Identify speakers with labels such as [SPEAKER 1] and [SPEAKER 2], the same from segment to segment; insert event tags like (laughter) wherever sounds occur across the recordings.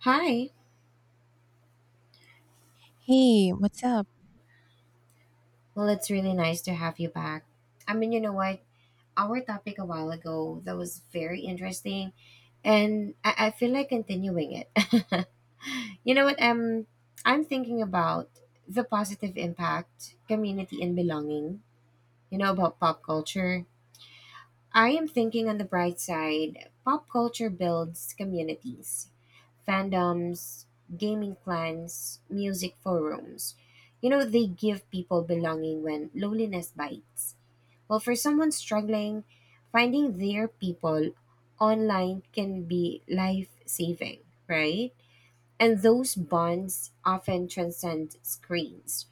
[SPEAKER 1] Hi.
[SPEAKER 2] Hey, what's up?
[SPEAKER 1] Well, it's really nice to have you back. You know what? Our topic a while ago that was very interesting, and I feel like continuing it. (laughs) You know what? I'm thinking about the positive impact, community, and belonging. You know about pop culture. I am thinking on the bright side, pop culture builds communities, fandoms, gaming clans, music forums. You know, they give people belonging when loneliness bites. Well, for someone struggling, finding their people online can be life saving, right? And those bonds often transcend screens.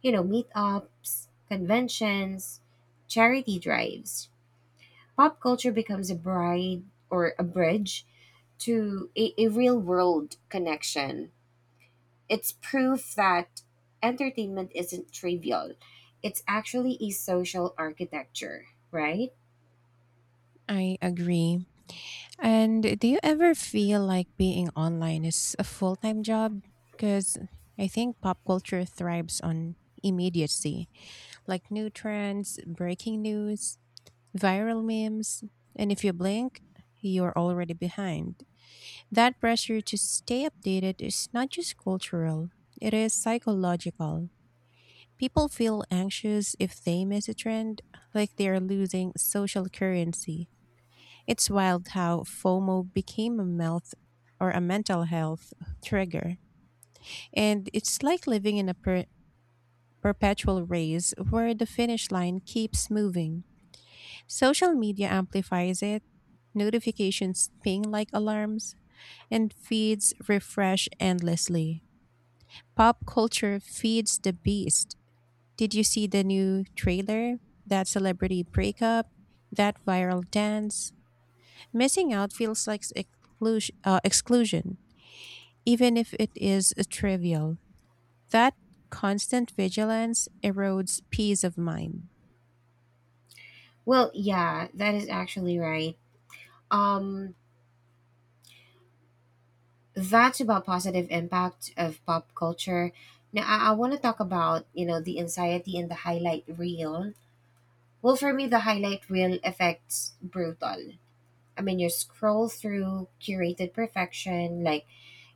[SPEAKER 1] You know, meetups, conventions, charity drives. Pop culture becomes a bride or a bridge to a real world connection. It's proof that entertainment isn't trivial, it's actually a social architecture, right?
[SPEAKER 2] I agree. And do you ever feel like being online is a full time job? Because I think pop culture thrives on immediacy, like new trends, breaking news, viral memes. And if you blink, you're already behind. That pressure to stay updated is not just cultural, it is psychological. People feel anxious if they miss a trend, like they are losing social currency. It's wild how FOMO became a melt or a mental health trigger. And it's like living in a perpetual race where the finish line keeps moving. Social media amplifies it, notifications ping like alarms, and feeds refresh endlessly. Pop culture feeds the beast. Did you see the new trailer? That celebrity breakup? That viral dance? Missing out feels like exclusion, even if it is trivial. That constant vigilance erodes peace of mind.
[SPEAKER 1] Well, yeah, that is actually right. Um, that's about positive impact of pop culture. Now, I want to talk about you know the anxiety and the highlight reel. Well, for me, the highlight reel affects brutal. I mean, you scroll through curated perfection, like,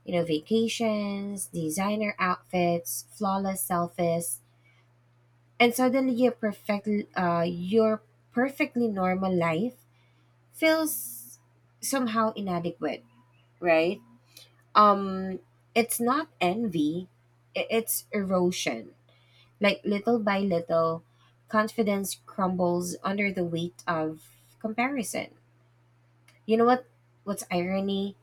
[SPEAKER 1] you know, vacations, designer outfits, flawless selfies, and suddenly your uh, your perfectly normal life feels somehow inadequate, right? Um, it's not envy, it's erosion. Like little by little, confidence crumbles under the weight of comparison. You know what? What's irony?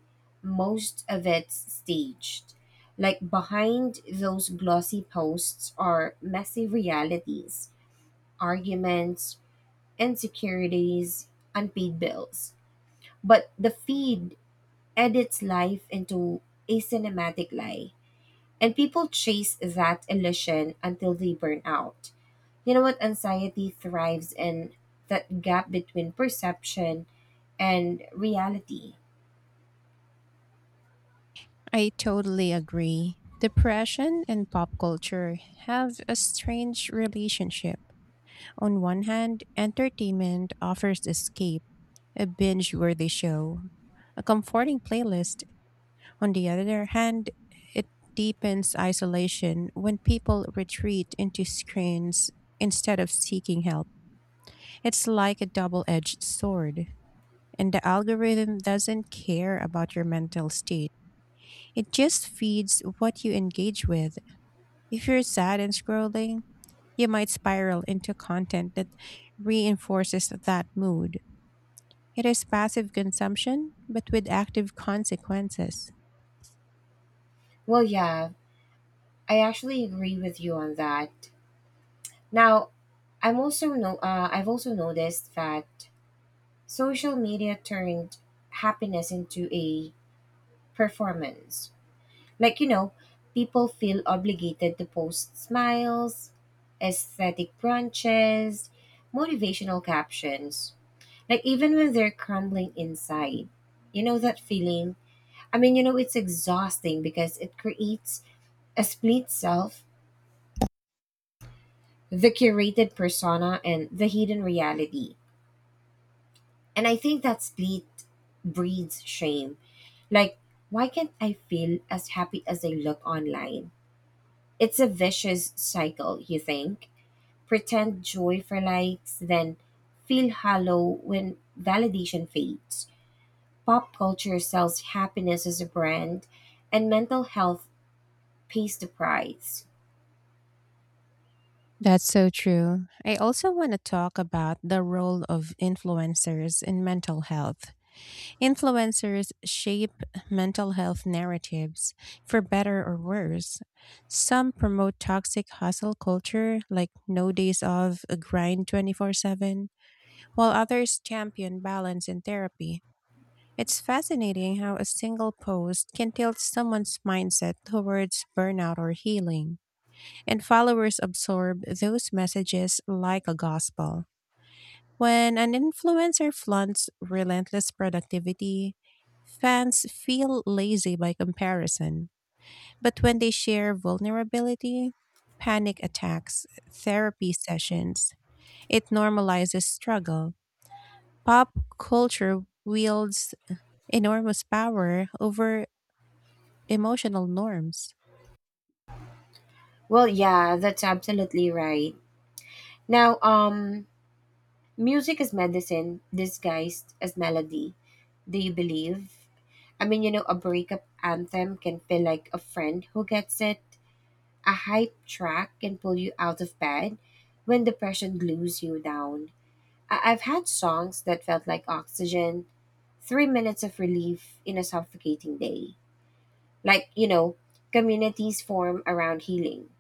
[SPEAKER 1] Most of it's staged. Like behind those glossy posts are messy realities, arguments, insecurities, unpaid bills, but the feed edits life into a cinematic lie, and people chase that illusion until they burn out. You know what? Anxiety thrives in that gap between perception and reality.
[SPEAKER 2] I totally agree. Depression and pop culture have a strange relationship. On one hand, entertainment offers escape, a binge worthy show, a comforting playlist. On the other hand, it deepens isolation when people retreat into screens instead of seeking help. It's like a double edged sword. And the algorithm doesn't care about your mental state. It just feeds what you engage with. If you're sad and scrolling, you might spiral into content that reinforces that mood. It is passive consumption, but with active consequences.
[SPEAKER 1] Well, yeah, I actually agree with you on that. Now, I'm also no, I've also noticed that social media turned happiness into a performance. Like you know, people feel obligated to post smiles, aesthetic brunches, motivational captions. Like even when they're crumbling inside, you know that feeling. You know, it's exhausting because it creates a split self, the curated persona and the hidden reality. And I think that split breeds shame. Like, why can't I feel as happy as I look online? It's a vicious cycle, you think? Pretend joy for likes, then feel hollow when validation fades. Pop culture sells happiness as a brand, and mental health pays the price.
[SPEAKER 2] That's so true. I also want to talk about the role of influencers in mental health. Influencers shape mental health narratives for better or worse. Some promote toxic hustle culture, like no days off, a grind 24/7, while others champion balance and therapy. It's fascinating how a single post can tilt someone's mindset towards burnout or healing, and followers absorb those messages like a gospel. When an influencer flaunts relentless productivity, fans feel lazy by comparison. But when they share vulnerability, panic attacks, therapy sessions, it normalizes struggle. Pop culture wields enormous power over emotional norms.
[SPEAKER 1] Well, yeah, that's absolutely right. Now, music is medicine disguised as melody. Do you believe? You know, a breakup anthem can feel like a friend who gets it. A hype track can pull you out of bed when depression glues you down. I've had songs that felt like oxygen, 3 minutes of relief in a suffocating day. Like, you know, communities form around healing.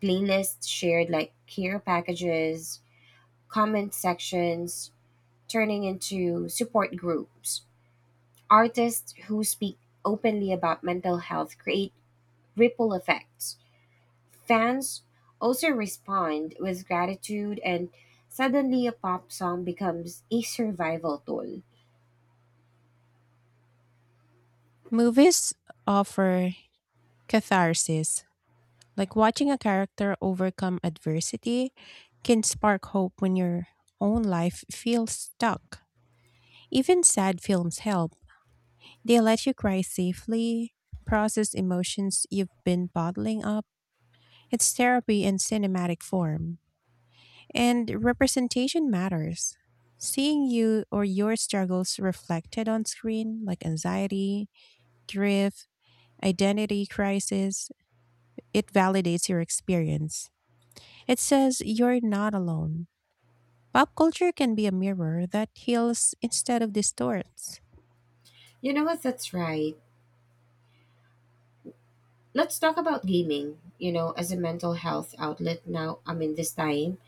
[SPEAKER 1] Playlists shared like care packages, comment sections, turning into support groups. Artists who speak openly about mental health create ripple effects. Fans also respond with gratitude, and suddenly a pop song becomes a survival tool.
[SPEAKER 2] Movies offer catharsis. Like watching a character overcome adversity can spark hope when your own life feels stuck. Even sad films help. They let you cry safely, process emotions you've been bottling up. It's therapy in cinematic form. And representation matters. Seeing you or your struggles reflected on screen, like anxiety, grief, identity crisis, it validates your experience. It says you're not alone. Pop culture can be a mirror that heals instead of distorts.
[SPEAKER 1] You know what? That's right. Let's talk about gaming, you know, as a mental health outlet now. I mean, this time.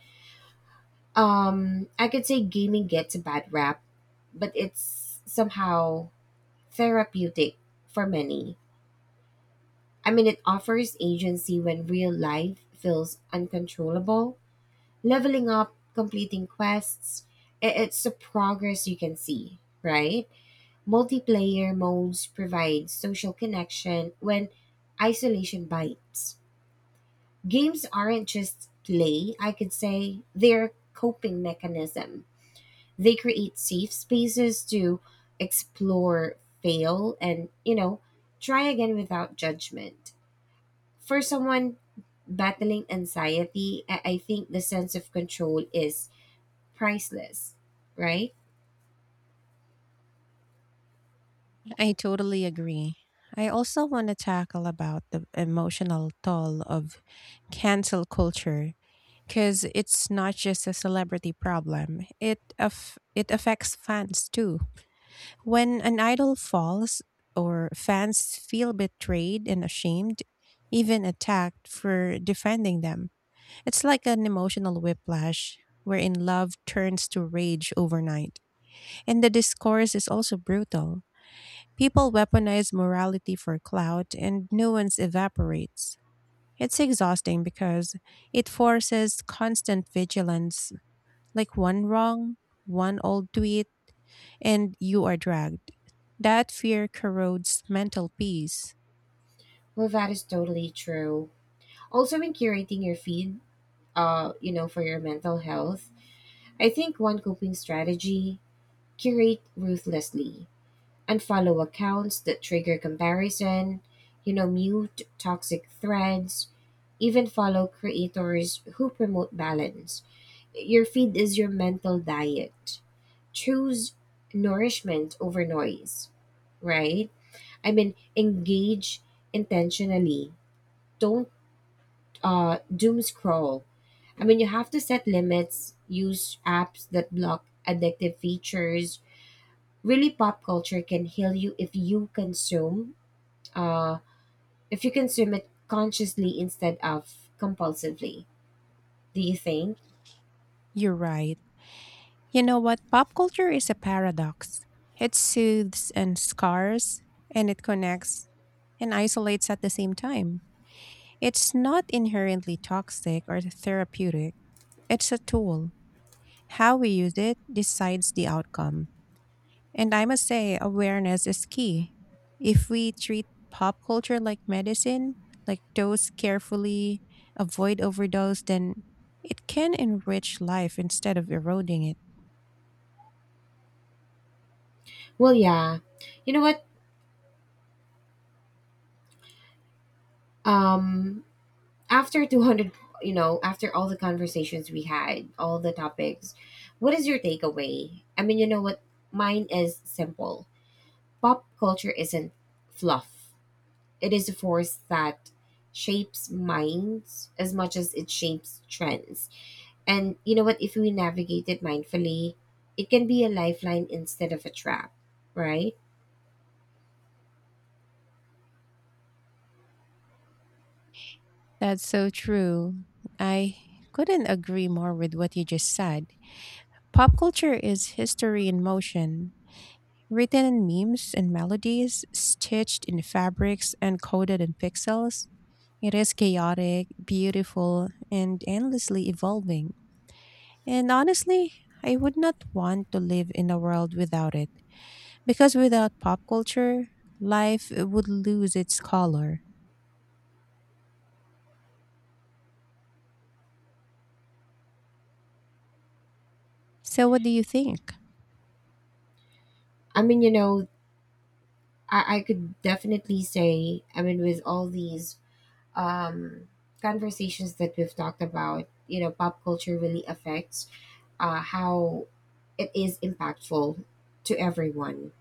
[SPEAKER 1] I could say gaming gets a bad rap, but it's somehow therapeutic for many. I mean, it offers agency when real life feels uncontrollable. Leveling up, completing quests, it's the progress you can see, right? Multiplayer modes provide social connection when isolation bites. Games aren't just play, I could say, they're coping mechanism. They create safe spaces to explore, fail, and, you know, try again without judgment. For someone battling anxiety, I think the sense of control is priceless, right?
[SPEAKER 2] I totally agree. I also want to tackle about the emotional toll of cancel culture because it's not just a celebrity problem. It it affects fans too. When an idol falls or fans feel betrayed and ashamed, even attacked for defending them. It's like an emotional whiplash wherein love turns to rage overnight. And the discourse is also brutal. People weaponize morality for clout and nuance evaporates. It's exhausting because it forces constant vigilance, like one wrong, one old tweet, and you are dragged. That fear corrodes mental peace.
[SPEAKER 1] Well, that is totally true. Also, in curating your feed, you know, for your mental health, I think one coping strategy, curate ruthlessly, unfollow accounts that trigger comparison, you know, mute toxic threads, even follow creators who promote balance. Your feed is your mental diet. Choose nourishment over noise, right? I mean, engage intentionally. Don't doom scroll. I mean, you have to set limits, use apps that block addictive features. Really, pop culture can heal you if you uh, if you consume it consciously instead of compulsively. Do you think?
[SPEAKER 2] You're right. You know what? Pop culture is a paradox. It soothes and scars, and it connects and isolates at the same time. It's not inherently toxic or therapeutic. It's a tool. How we use it decides the outcome. And I must say, awareness is key. If we treat pop culture like medicine, like dose carefully, avoid overdose, then it can enrich life instead of eroding it.
[SPEAKER 1] Well, yeah. You know what? Um, after 200, you know, after all the conversations we had, all the topics, what is your takeaway? I mean, you know what? Mine is simple. Pop culture isn't fluff. It is a force that shapes minds as much as it shapes trends. And you know what? If we navigate it mindfully, it can be a lifeline instead of a trap, right?
[SPEAKER 2] That's so true. I couldn't agree more with what you just said. Pop culture is history in motion. Written in memes and melodies, stitched in fabrics and coded in pixels, it is chaotic, beautiful, and endlessly evolving. And honestly, I would not want to live in a world without it, because without pop culture, life would lose its color. So, what do you think?
[SPEAKER 1] You know, I could definitely say, I mean, with all these um, conversations that we've talked about, you know, pop culture really affects how it is impactful to everyone,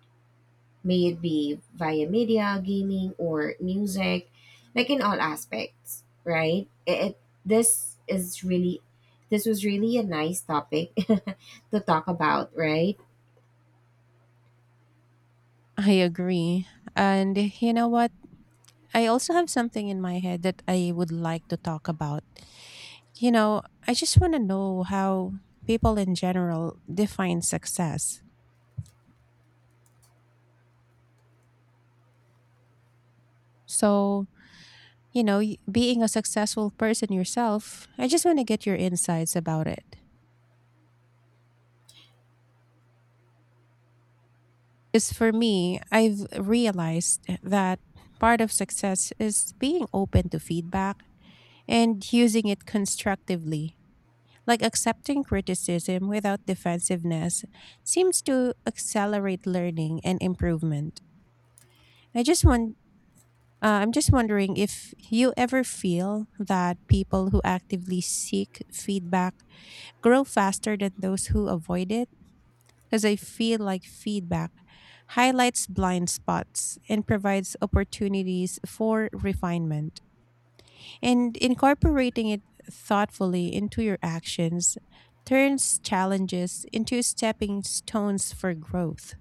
[SPEAKER 1] may it be via media, gaming, or music, like in all aspects, right? It, this is really, this was really a nice topic (laughs) to talk about, right?
[SPEAKER 2] (laughs) I agree. And you know what? I also have something in my head that I would like to talk about. You know, I just want to know how people in general define success. So, you know, being a successful person yourself, I just want to get your insights about it. Because for me, I've realized that part of success is being open to feedback and using it constructively. Like accepting criticism without defensiveness seems to accelerate learning and improvement. I just want I'm just wondering if you ever feel that people who actively seek feedback grow faster than those who avoid it. Because I feel like feedback highlights blind spots and provides opportunities for refinement. And incorporating it thoughtfully into your actions turns challenges into stepping stones for growth.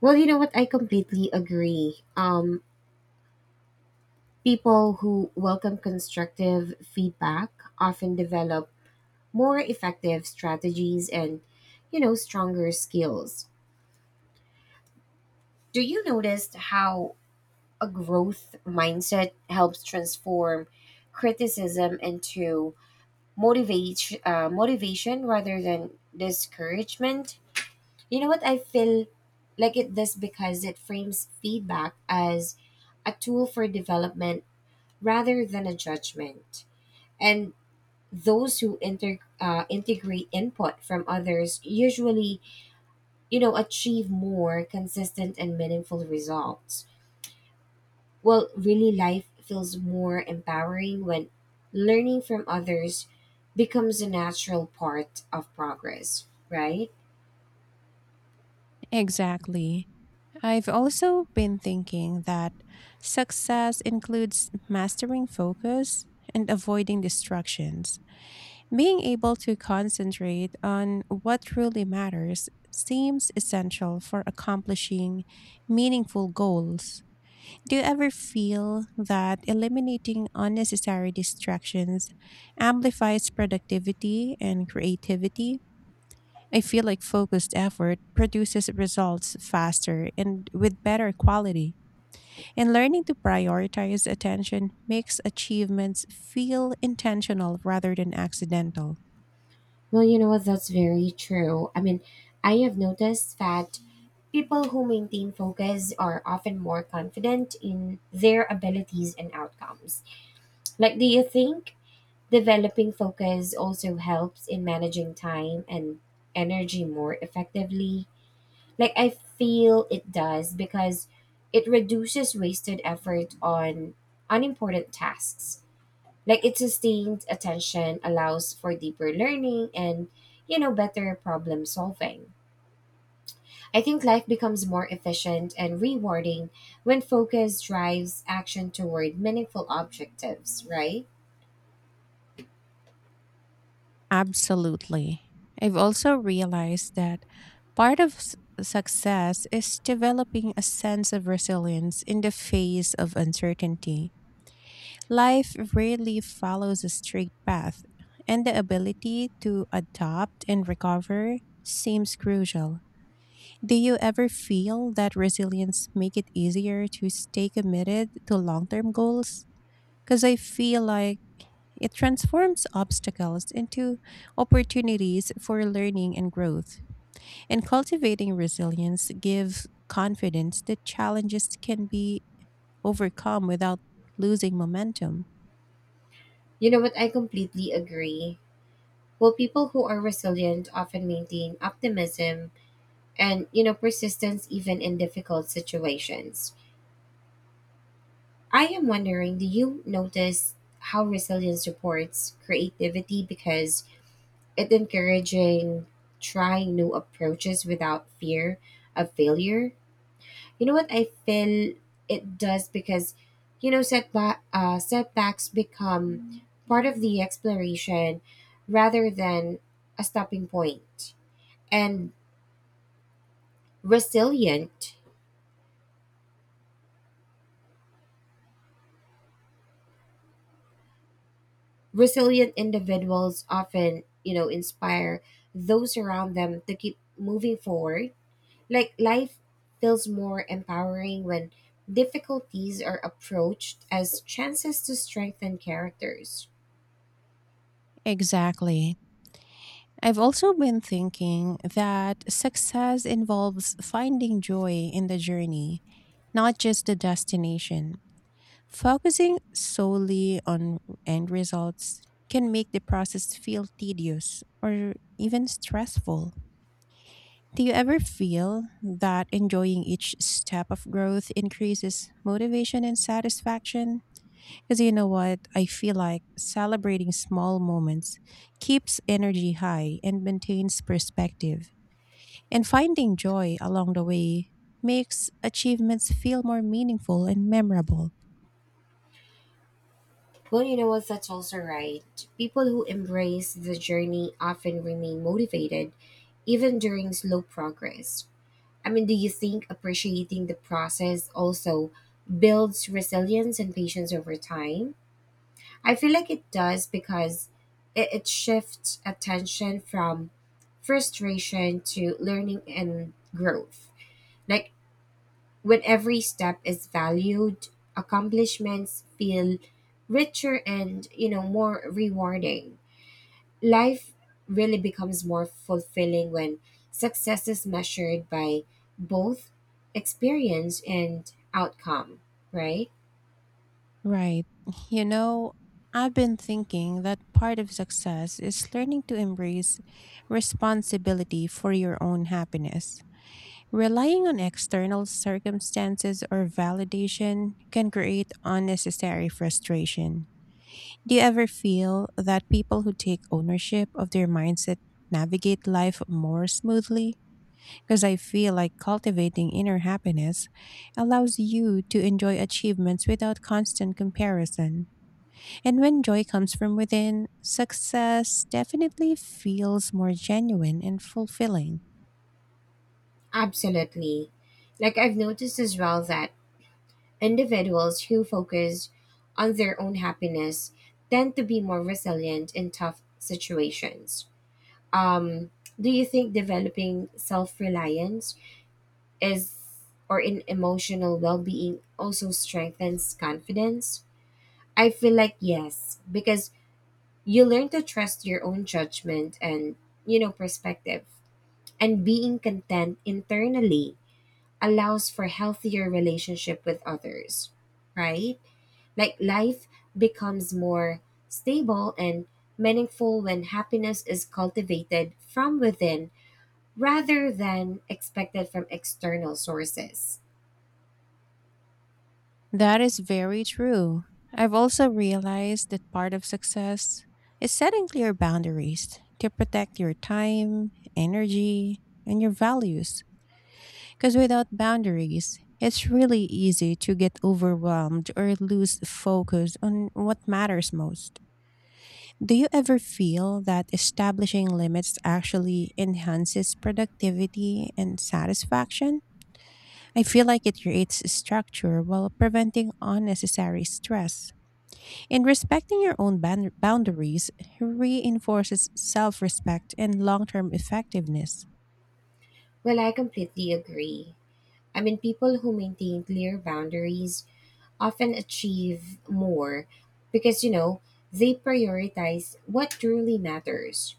[SPEAKER 1] Well, you know what? I completely agree. People who welcome constructive feedback often develop more effective strategies and you know stronger skills. Do you notice how a growth mindset helps transform criticism into motivate motivation rather than discouragement? You know what? I feel like it does because it frames feedback as a tool for development rather than a judgment. And those who integrate input from others usually, you know, achieve more consistent and meaningful results. Well, really, life feels more empowering when learning from others becomes a natural part of progress, right?
[SPEAKER 2] Exactly. I've also been thinking that success includes mastering focus and avoiding distractions. Being able to concentrate on what truly matters seems essential for accomplishing meaningful goals. Do you ever feel that eliminating unnecessary distractions amplifies productivity and creativity? I feel like focused effort produces results faster and with better quality. And learning to prioritize attention makes achievements feel intentional rather than accidental.
[SPEAKER 1] Well, you know what? That's very true. I mean, I have noticed that people who maintain focus are often more confident in their abilities and outcomes. Like, do you think developing focus also helps in managing time and energy more effectively? Like I feel it does because it reduces wasted effort on unimportant tasks. Like it sustained attention allows for deeper learning and you know better problem solving. I think life becomes more efficient and rewarding when focus drives action toward meaningful objectives, right?
[SPEAKER 2] Absolutely. I've also realized that part of success is developing a sense of resilience in the face of uncertainty. Life rarely follows a straight path, and the ability to adapt and recover seems crucial. Do you ever feel that resilience make it easier to stay committed to long-term goals? Cuz I feel like it transforms obstacles into opportunities for learning and growth. And cultivating resilience gives confidence that challenges can be overcome without losing momentum.
[SPEAKER 1] You know what? I completely agree. Well, people who are resilient often maintain optimism and, you know, persistence even in difficult situations. I am wondering, do you notice how resilience supports creativity because it encouraging trying new approaches without fear of failure? You know what I feel, it does because, you know, setbacks become part of the exploration rather than a stopping point. And resilient resilient individuals often you know inspire those around them to keep moving forward. Like life feels more empowering when difficulties are approached as chances to strengthen characters.
[SPEAKER 2] Exactly. I've also been thinking that success involves finding joy in the journey, not just the destination. Focusing solely on end results can make the process feel tedious or even stressful. Do you ever feel that enjoying each step of growth increases motivation and satisfaction? Because you know what? I feel like celebrating small moments keeps energy high and maintains perspective. And finding joy along the way makes achievements feel more meaningful and memorable.
[SPEAKER 1] Well, you know what? That's also right. People who embrace the journey often remain motivated even during slow progress. I mean, do you think appreciating the process also builds resilience and patience over time? I feel like it does because it shifts attention from frustration to learning and growth. Like when every step is valued, accomplishments feel richer and, you know, more rewarding. Life really becomes more fulfilling when success is measured by both experience and outcome, right?
[SPEAKER 2] Right. You know, I've been thinking that part of success is learning to embrace responsibility for your own happiness. Relying on external circumstances or validation can create unnecessary frustration. Do you ever feel that people who take ownership of their mindset navigate life more smoothly? Because I feel like cultivating inner happiness allows you to enjoy achievements without constant comparison. And when joy comes from within, success definitely feels more genuine and fulfilling.
[SPEAKER 1] Absolutely. Like I've noticed as well that individuals who focus on their own happiness tend to be more resilient in tough situations. Um, do you think developing self reliance is or in emotional well being also strengthens confidence? I feel like yes, because you learn to trust your own judgment and, you know, perspective. And being content internally allows for healthier relationship with others, right? Like life becomes more stable and meaningful when happiness is cultivated from within rather than expected from external sources.
[SPEAKER 2] That is very true. I've also realized that part of success is setting clear boundaries to protect your time, energy, and your values. Because without boundaries, it's really easy to get overwhelmed or lose focus on what matters most. Do you ever feel that establishing limits actually enhances productivity and satisfaction? I feel like it creates structure while preventing unnecessary stress. And respecting your own boundaries reinforces self respect and long term effectiveness.
[SPEAKER 1] Well, I completely agree. I mean, people who maintain clear boundaries often achieve more because you know they prioritize what truly matters.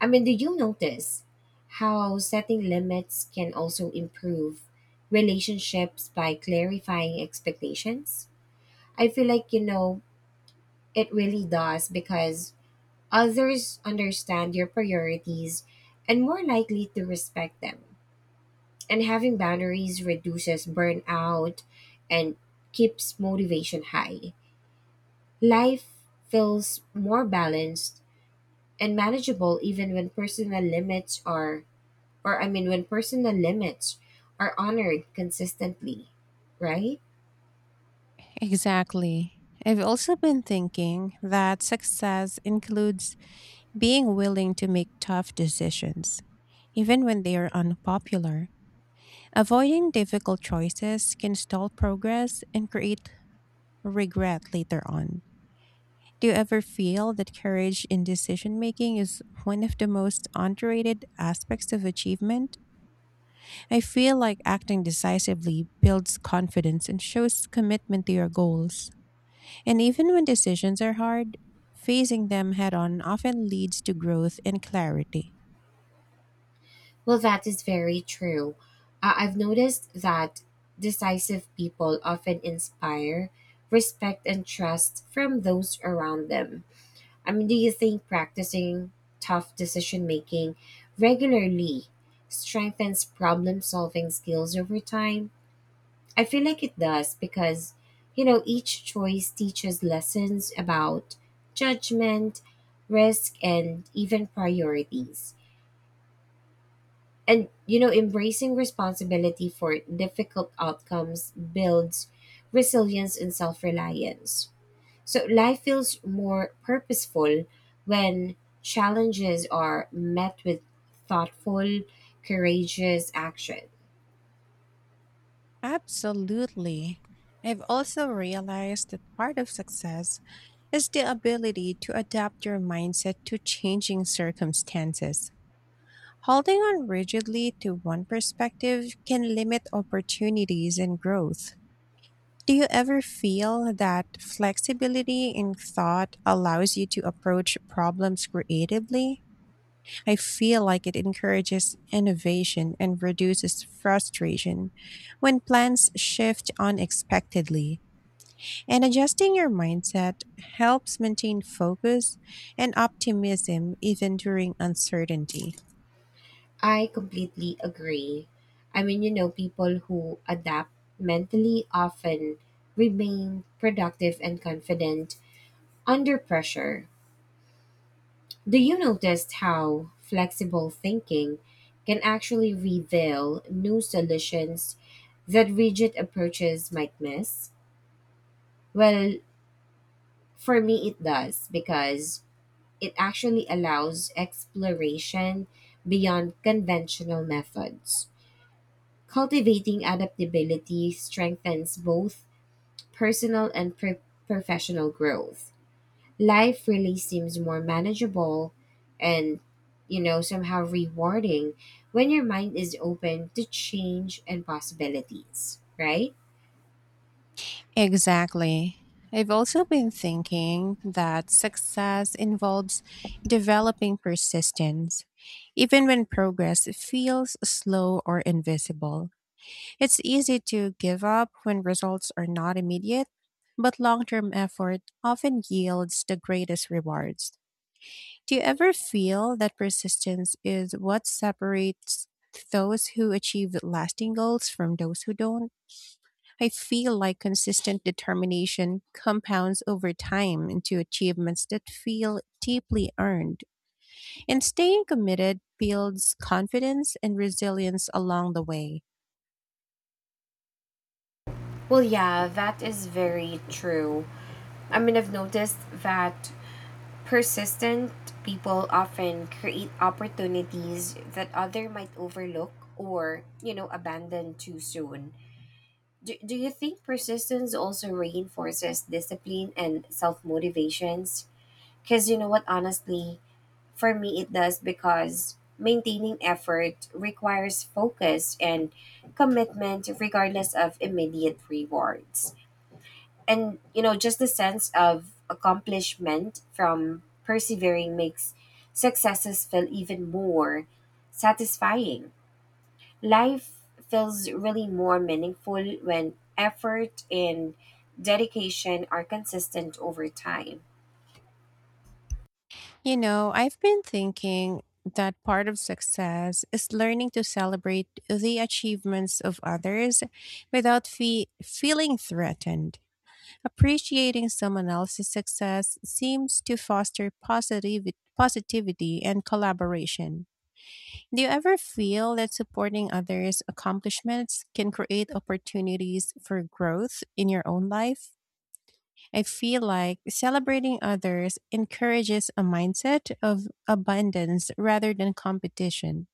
[SPEAKER 1] I mean, do you notice how setting limits can also improve relationships by clarifying expectations? I feel like you know it really does because others understand your priorities and more likely to respect them. And having boundaries reduces burnout and keeps motivation high. Life feels more balanced and manageable even when personal limits are, or I mean when personal limits are honored consistently, right?
[SPEAKER 2] Exactly. I've also been thinking that success includes being willing to make tough decisions, even when they are unpopular. Avoiding difficult choices can stall progress and create regret later on. Do you ever feel that courage in decision making is one of the most underrated aspects of achievement? I feel like acting decisively builds confidence and shows commitment to your goals. And even when decisions are hard, facing them head on often leads to growth and clarity.
[SPEAKER 1] Well, that is very true. I've noticed that decisive people often inspire respect and trust from those around them. I mean, do you think practicing tough decision making regularly strengthens problem solving skills over time? I feel like it does because, you know, each choice teaches lessons about judgment, risk, and even priorities. And, you know, embracing responsibility for difficult outcomes builds resilience and self reliance. So life feels more purposeful when challenges are met with thoughtful, courageous action.
[SPEAKER 2] Absolutely. I've also realized that part of success is the ability to adapt your mindset to changing circumstances. Holding on rigidly to one perspective can limit opportunities and growth. Do you ever feel that flexibility in thought allows you to approach problems creatively? I feel like it encourages innovation and reduces frustration when plans shift unexpectedly. And adjusting your mindset helps maintain focus and optimism even during uncertainty.
[SPEAKER 1] I completely agree. I mean, you know, people who adapt mentally often remain productive and confident under pressure. Do you notice how flexible thinking can actually reveal new solutions that rigid approaches might miss? Well, for me, it does because it actually allows exploration beyond conventional methods. Cultivating adaptability strengthens both personal and pro- professional growth. Life really seems more manageable and, you know, somehow rewarding when your mind is open to change and possibilities, right?
[SPEAKER 2] Exactly. I've also been thinking that success involves developing persistence, even when progress feels slow or invisible. It's easy to give up when results are not immediate, but long term effort often yields the greatest rewards. Do you ever feel that persistence is what separates those who achieve lasting goals from those who don't? I feel like consistent determination compounds over time into achievements that feel deeply earned, and staying committed builds confidence and resilience along the way.
[SPEAKER 1] Well, yeah, that is very true. I mean, I've noticed that persistent people often create opportunities that other might overlook or, you know, abandon too soon. Do you think persistence also reinforces discipline and self motivations? Because you know what, honestly, for me it does because maintaining effort requires focus and commitment regardless of immediate rewards. And you know, just the sense of accomplishment from persevering makes successes feel even more satisfying. Life feels really more meaningful when effort and dedication are consistent over time.
[SPEAKER 2] You know, I've been thinking that part of success is learning to celebrate the achievements of others without feeling threatened. Appreciating someone else's success seems to foster positivity and collaboration. Do you ever feel that supporting others' accomplishments can create opportunities for growth in your own life? I feel like celebrating others encourages a mindset of abundance rather than competition,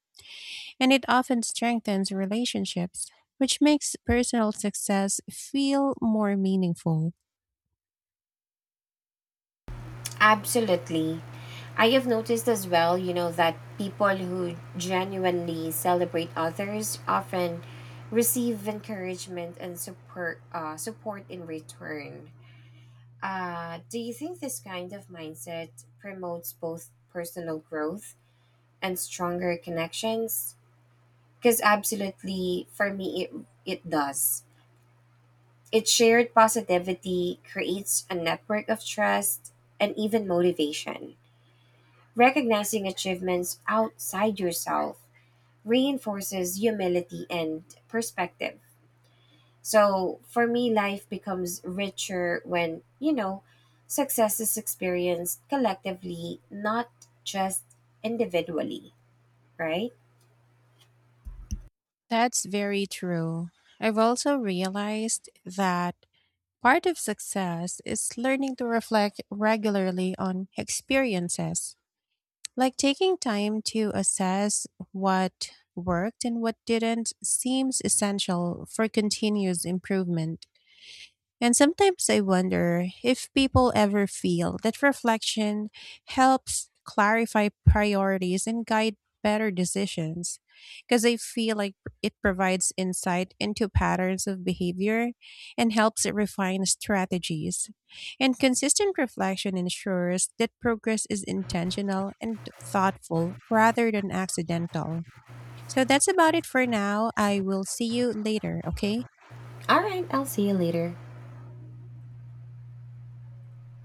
[SPEAKER 2] and it often strengthens relationships, which makes personal success feel more meaningful.
[SPEAKER 1] Absolutely. I have noticed as well, you know, that people who genuinely celebrate others often receive encouragement and support support in return. Do you think this kind of mindset promotes both personal growth and stronger connections? Because absolutely, for me, it does. It's shared positivity, creates a network of trust, and even motivation. Recognizing achievements outside yourself reinforces humility and perspective. So for me, life becomes richer when, you know, success is experienced collectively, not just individually, right?
[SPEAKER 2] That's very true. I've also realized that part of success is learning to reflect regularly on experiences. Like taking time to assess what worked and what didn't seems essential for continuous improvement. And sometimes I wonder if people ever feel that reflection helps clarify priorities and guide better decisions. Because I feel like it provides insight into patterns of behavior and helps it refine strategies. And consistent reflection ensures that progress is intentional and thoughtful rather than accidental. So that's about it for now. I will see you later, okay?
[SPEAKER 1] All right, I'll see you later.